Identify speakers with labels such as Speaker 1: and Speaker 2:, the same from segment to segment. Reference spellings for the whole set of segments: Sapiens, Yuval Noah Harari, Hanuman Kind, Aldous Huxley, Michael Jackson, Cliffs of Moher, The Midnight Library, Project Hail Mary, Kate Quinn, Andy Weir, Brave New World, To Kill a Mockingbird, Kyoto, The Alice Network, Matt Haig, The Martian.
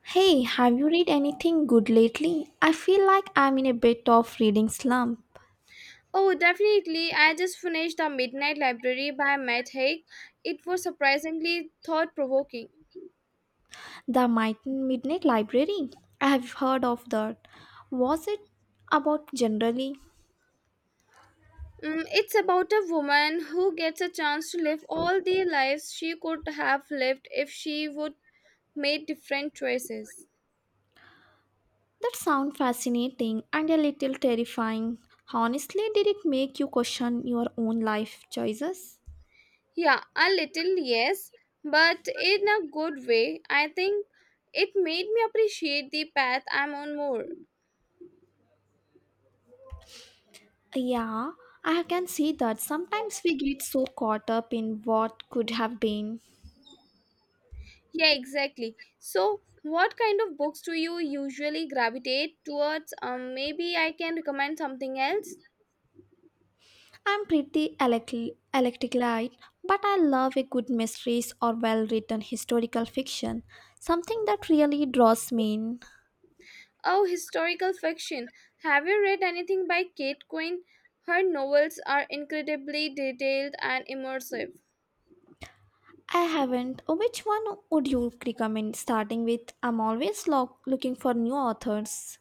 Speaker 1: Hey, have you read anything good lately? I feel like I'm in a bit of reading slump.
Speaker 2: Oh, definitely. I just finished The Midnight Library by Matt Haig. It was surprisingly thought provoking.
Speaker 1: The Midnight Library. I have heard of that. Was it about generally?
Speaker 2: Mm, it's about a woman who gets a chance to live all the lives she could have lived if she would made different choices.
Speaker 1: That sounds fascinating and a little terrifying. Honestly, did it make you question your own life choices?
Speaker 2: Yeah, a little, yes, but in a good way. I think it made me appreciate the path I'm on more.
Speaker 1: Yeah, I can see that sometimes we get so caught up in what could have been.
Speaker 2: Yeah, exactly. So, what kind of books do you usually gravitate towards? Maybe I can recommend something else.
Speaker 1: I'm pretty electric light, but I love a good mysteries or well written historical fiction, something that really draws me in.
Speaker 2: Oh, historical fiction. Have you read anything by Kate Quinn? Her novels are incredibly detailed and immersive.
Speaker 1: I haven't. Which one would you recommend starting with? I'm always looking for new authors.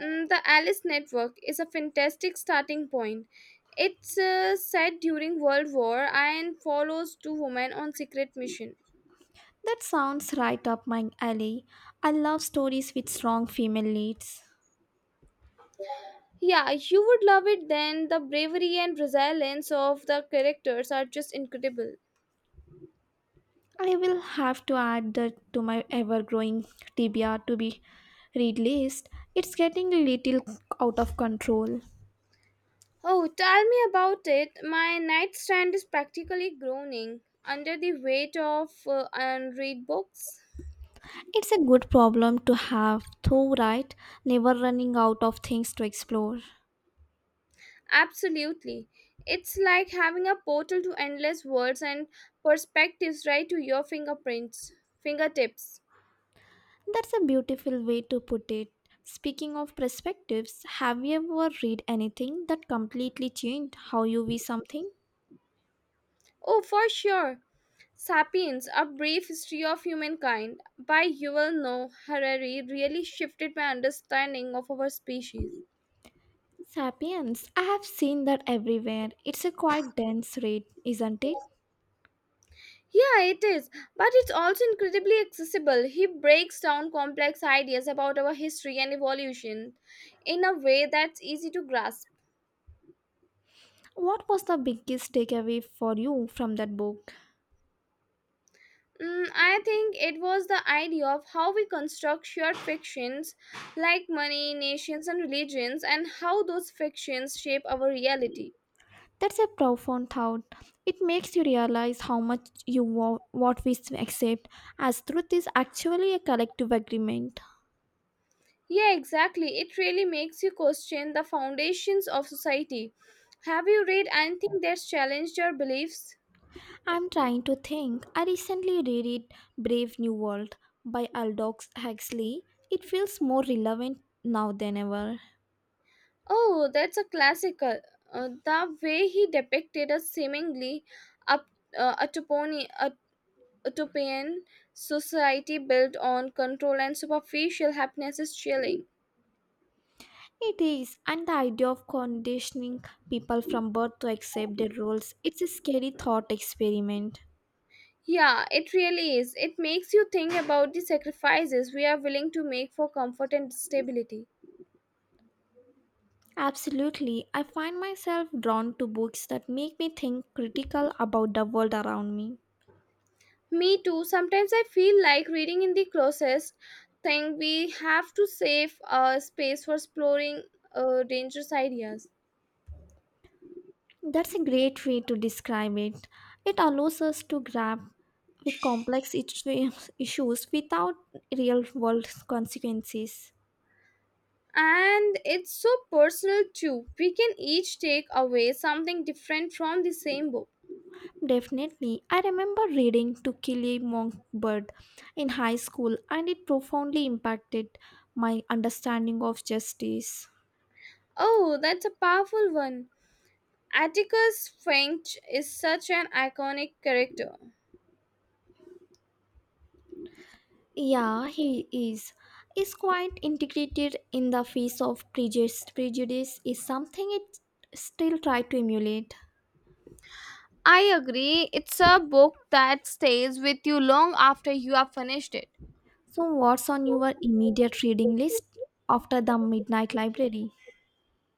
Speaker 2: Mm, the Alice Network is a fantastic starting point. It's set during World War and follows two women on secret mission.
Speaker 1: That sounds right up my alley. I love stories with strong female leads.
Speaker 2: Yeah, you would love it then. The bravery and resilience of the characters are just incredible.
Speaker 1: I will have to add that to my ever growing TBR, to be read list. It's getting a little out of control.
Speaker 2: Oh, tell me about it. My nightstand is practically groaning under the weight of unread books.
Speaker 1: It's a good problem to have, though, right? Never running out of things to explore.
Speaker 2: Absolutely. It's like having a portal to endless worlds and perspectives right to your fingertips.
Speaker 1: That's a beautiful way to put it. Speaking of perspectives, have you ever read anything that completely changed how you view something?
Speaker 2: Oh, for sure. Sapiens, A Brief History of Humankind by Yuval Noah Harari really shifted my understanding of our species.
Speaker 1: Sapiens, I have seen that everywhere. It's a quite dense read, isn't it?
Speaker 2: Yeah, it is, but it's also incredibly accessible. He breaks down complex ideas about our history and evolution in a way that's easy to grasp.
Speaker 1: What was the biggest takeaway for you from that book?
Speaker 2: Mm, I think it was the idea of how we construct shared fictions like money, nations, and religions, and how those fictions shape our reality.
Speaker 1: That's a profound thought. It makes you realize how much what we accept as truth is actually a collective agreement.
Speaker 2: Yeah, exactly. It really makes you question the foundations of society. Have you read anything that's challenged your beliefs?
Speaker 1: I'm trying to think. I recently read it Brave New World by Aldous Huxley. It feels more relevant now than ever.
Speaker 2: Oh, that's a classical. The way he depicted a seemingly up, uh, utoponi- ut- utopian society built on control and superficial happiness is chilling.
Speaker 1: It is, and the idea of conditioning people from birth to accept their roles, it's a scary thought experiment.
Speaker 2: Yeah, it really is. It makes you think about the sacrifices we are willing to make for comfort and stability.
Speaker 1: Absolutely. I find myself drawn to books that make me think critical about the world around me.
Speaker 2: Me too. Sometimes I feel like reading in the closest thing we have to save space for exploring dangerous ideas.
Speaker 1: That's a great way to describe it. It allows us to grab with complex issues without real world consequences.
Speaker 2: And it's so personal too. We can each take away something different from the same book.
Speaker 1: Definitely. I remember reading To Kill a Mockingbird in high school and it profoundly impacted my understanding of justice.
Speaker 2: Oh, that's a powerful one. Atticus Finch is such an iconic character.
Speaker 1: Yeah, he is. Is quite integrated in the face of prejudice. Prejudice is something it still try to emulate.
Speaker 2: I agree. It's a book that stays with you long after you have finished it.
Speaker 1: So, what's on your immediate reading list after the Midnight Library?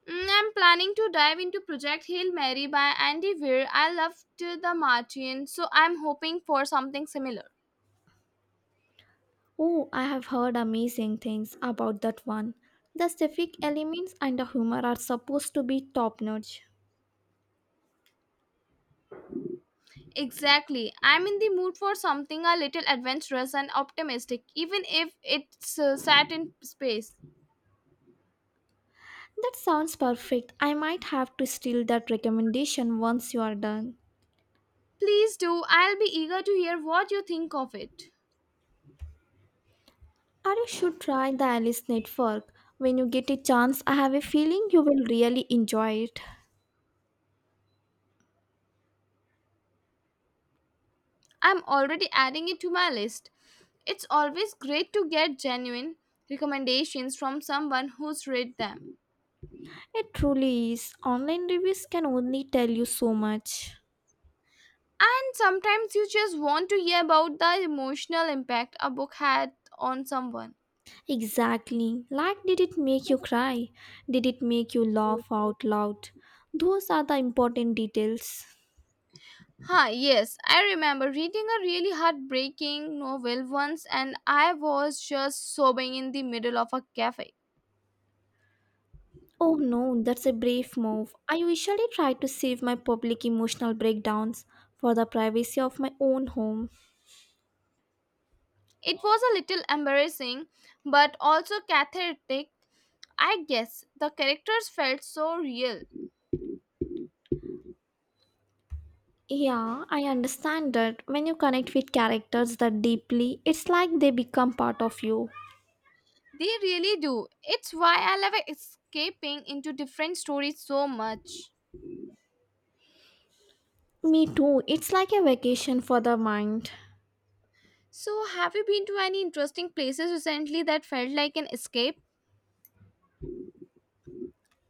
Speaker 2: Mm, I'm planning to dive into Project Hail Mary by Andy Weir. I loved The Martian, so I'm hoping for something similar.
Speaker 1: Oh, I have heard amazing things about that one. The specific elements and the humor are supposed to be top notch.
Speaker 2: Exactly. I'm in the mood for something a little adventurous and optimistic, even if it's set in space.
Speaker 1: That sounds perfect. I might have to steal that recommendation once you are done.
Speaker 2: Please do. I'll be eager to hear what you think of it.
Speaker 1: Or you should try the Alice Network. When you get a chance, I have a feeling you will really enjoy it.
Speaker 2: I'm already adding it to my list. It's always great to get genuine recommendations from someone who's read them.
Speaker 1: It truly is. Online reviews can only tell you so much.
Speaker 2: And sometimes you just want to hear about the emotional impact a book had on someone.
Speaker 1: Exactly. Like, did it make you cry? Did it make you laugh out loud? Those are the important details.
Speaker 2: Huh, yes, I remember reading a really heartbreaking novel once and I was just sobbing in the middle of a cafe.
Speaker 1: Oh no, that's a brave move. I usually try to save my public emotional breakdowns for the privacy of my own home.
Speaker 2: It was a little embarrassing but also cathartic. I guess the characters felt so real.
Speaker 1: Yeah, I understand that when you connect with characters that deeply, it's like they become part of you.
Speaker 2: They really do. It's why I love escaping into different stories so much.
Speaker 1: Me too, it's like a vacation for the mind.
Speaker 2: So, have you been to any interesting places recently that felt like an escape?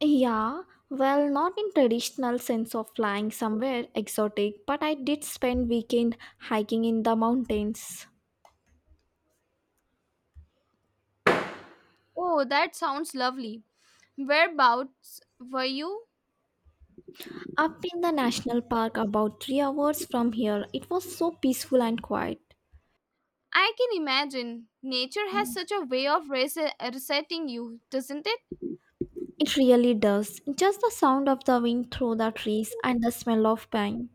Speaker 1: Yeah, well, not in traditional sense of flying somewhere exotic, but I did spend weekend hiking in the mountains.
Speaker 2: Oh, that sounds lovely. Whereabouts were you?
Speaker 1: Up in the national park about 3 hours from here. It was so peaceful and quiet.
Speaker 2: I can imagine. Nature has such a way of resetting you, doesn't it?
Speaker 1: It really does. Just the sound of the wind through the trees and the smell of pine.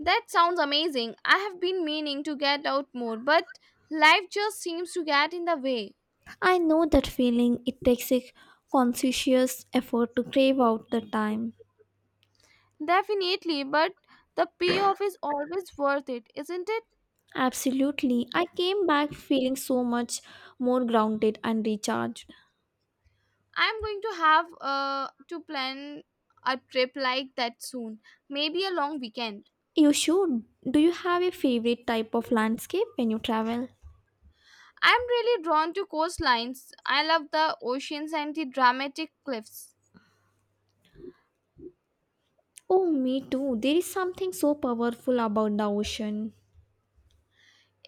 Speaker 2: That sounds amazing. I have been meaning to get out more, but life just seems to get in the way.
Speaker 1: I know that feeling. It takes a conscientious effort to crave out the time.
Speaker 2: Definitely, but the payoff is always worth it, isn't it?
Speaker 1: Absolutely. I came back feeling so much more grounded and recharged.
Speaker 2: I'm going to have to plan a trip like that soon, maybe a long weekend.
Speaker 1: You should. Do you have a favorite type of landscape when you travel?
Speaker 2: I'm really drawn to coastlines. I love the oceans and the dramatic cliffs.
Speaker 1: Oh, me too. There is something so powerful about the ocean.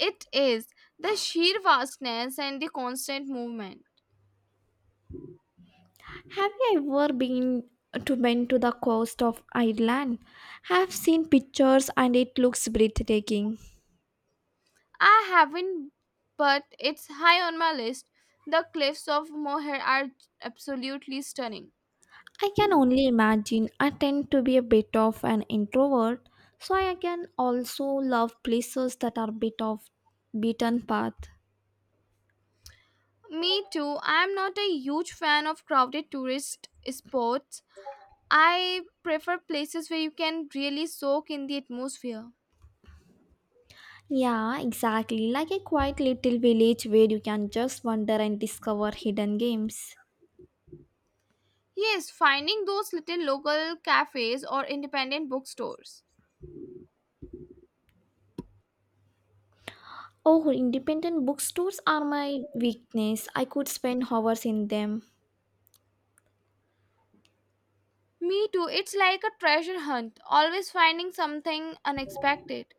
Speaker 2: It is the sheer vastness and the constant movement.
Speaker 1: Have you ever been to the coast of Ireland? I've seen pictures and it looks breathtaking.
Speaker 2: I haven't, but it's high on my list. The cliffs of Moher are absolutely stunning.
Speaker 1: I can only imagine. I tend to be a bit of an introvert, so I can also love places that are a bit of beaten path.
Speaker 2: Me too. I'm not a huge fan of crowded tourist spots. I prefer places where you can really soak in the atmosphere.
Speaker 1: Yeah, exactly. Like a quiet little village where you can just wander and discover hidden games.
Speaker 2: Yes, finding those little local cafes or independent bookstores.
Speaker 1: Oh, independent bookstores are my weakness. I could spend hours in them.
Speaker 2: Me too, it's like a treasure hunt, always finding something unexpected.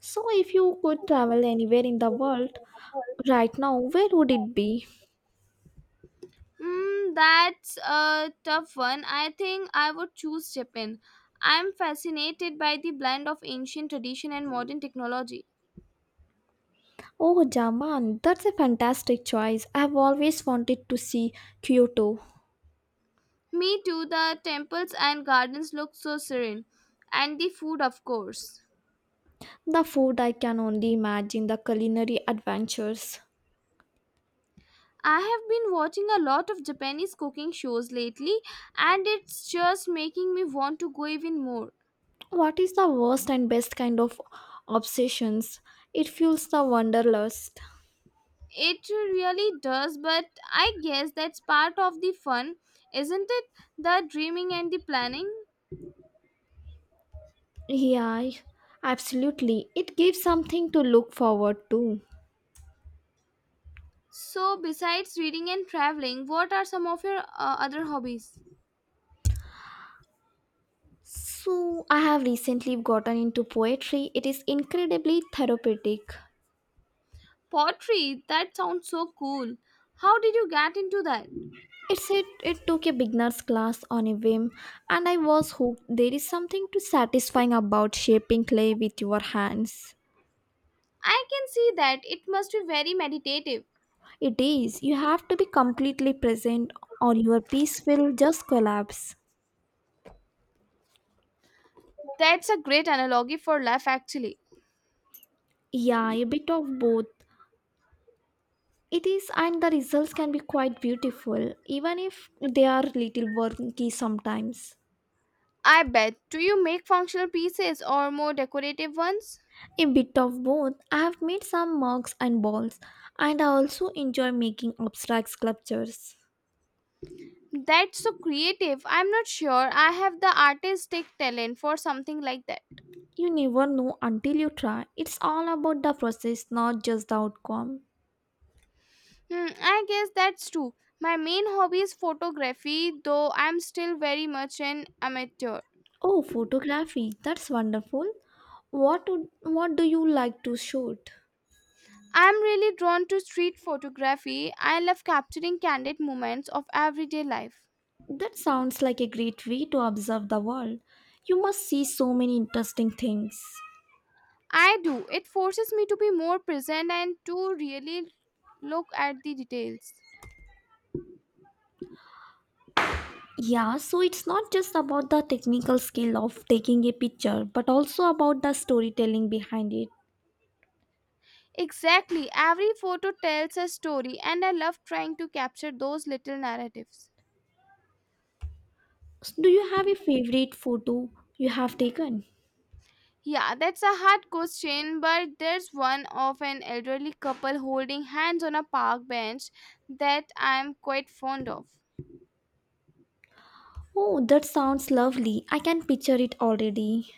Speaker 1: So, if you could travel anywhere in the world right now, where would it be?
Speaker 2: Mm, that's a tough one. I think I would choose Japan. I'm fascinated by the blend of ancient tradition and modern technology.
Speaker 1: Oh, Japan, that's a fantastic choice. I've always wanted to see Kyoto.
Speaker 2: Me too, the temples and gardens look so serene, and the food, of course.
Speaker 1: The food I can only imagine, the culinary adventures.
Speaker 2: I have been watching a lot of Japanese cooking shows lately, and it's just making me want to go even more.
Speaker 1: What is the worst and best kind of obsessions? It fuels the wanderlust.
Speaker 2: It really does, but I guess that's part of the fun, isn't it? The dreaming and the planning.
Speaker 1: Yeah, absolutely. It gives something to look forward to.
Speaker 2: So, besides reading and traveling, what are some of your other hobbies?
Speaker 1: So, I have recently gotten into poetry. It is incredibly therapeutic.
Speaker 2: Pottery, that sounds so cool. How did you get into that?
Speaker 1: It took a beginner's class on a whim, and I was hooked. There is something to satisfying about shaping clay with your hands.
Speaker 2: I can see that it must be very meditative.
Speaker 1: It is. You have to be completely present, or your piece will just collapse.
Speaker 2: That's a great analogy for life, actually.
Speaker 1: Yeah, a bit of both. It is, and the results can be quite beautiful, even if they are little wonky sometimes.
Speaker 2: I bet. Do you make functional pieces or more decorative ones?
Speaker 1: A bit of both. I have made some mugs and balls, and I also enjoy making abstract sculptures.
Speaker 2: That's so creative. I'm not sure I have the artistic talent for something like that.
Speaker 1: You never know until you try. It's all about the process, not just the outcome.
Speaker 2: Hmm, I guess that's true. My main hobby is photography, though I'm still very much an amateur.
Speaker 1: Oh, photography. That's wonderful. What do you like to shoot?
Speaker 2: I'm really drawn to street photography. I love capturing candid moments of everyday life.
Speaker 1: That sounds like a great way to observe the world. You must see so many interesting things.
Speaker 2: I do. It forces me to be more present and to really look at the details.
Speaker 1: Yeah, so it's not just about the technical skill of taking a picture, but also about the storytelling behind it.
Speaker 2: Exactly. Every photo tells a story, and I love trying to capture those little narratives.
Speaker 1: So do you have a favorite photo you have taken?
Speaker 2: Yeah, that's a hard question, but there's one of an elderly couple holding hands on a park bench that I'm quite fond of.
Speaker 1: Oh, that sounds lovely. I can picture it already.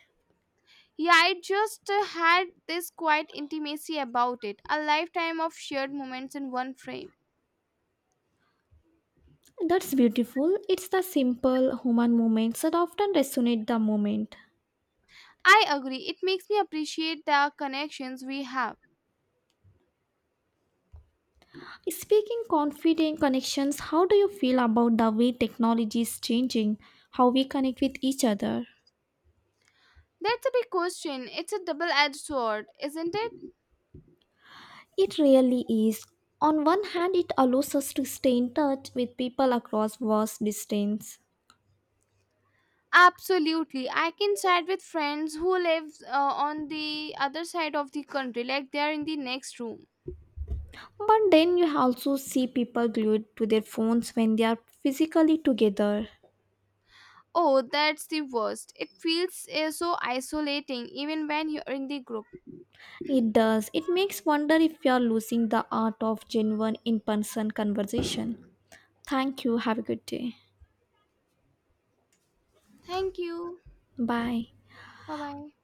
Speaker 2: Yeah, I just had this quiet intimacy about it, a lifetime of shared moments in one frame.
Speaker 1: That's beautiful. It's the simple human moments that often resonate the moment.
Speaker 2: I agree, it makes me appreciate the connections we have.
Speaker 1: Speaking confident connections, how do you feel about the way technology is changing how we connect with each other?
Speaker 2: That's a big question. It's a double edged sword, isn't it?
Speaker 1: It really is. On one hand, it allows us to stay in touch with people across vast distance.
Speaker 2: Absolutely. I can chat with friends who live on the other side of the country, like they are in the next room.
Speaker 1: But then you also see people glued to their phones when they are physically together.
Speaker 2: Oh, that's the worst. It feels so isolating even when you're in the group.
Speaker 1: It does. It makes wonder if you are losing the art of genuine in-person conversation. Thank you. Have a good day.
Speaker 2: Thank you.
Speaker 1: Bye.
Speaker 2: Bye bye.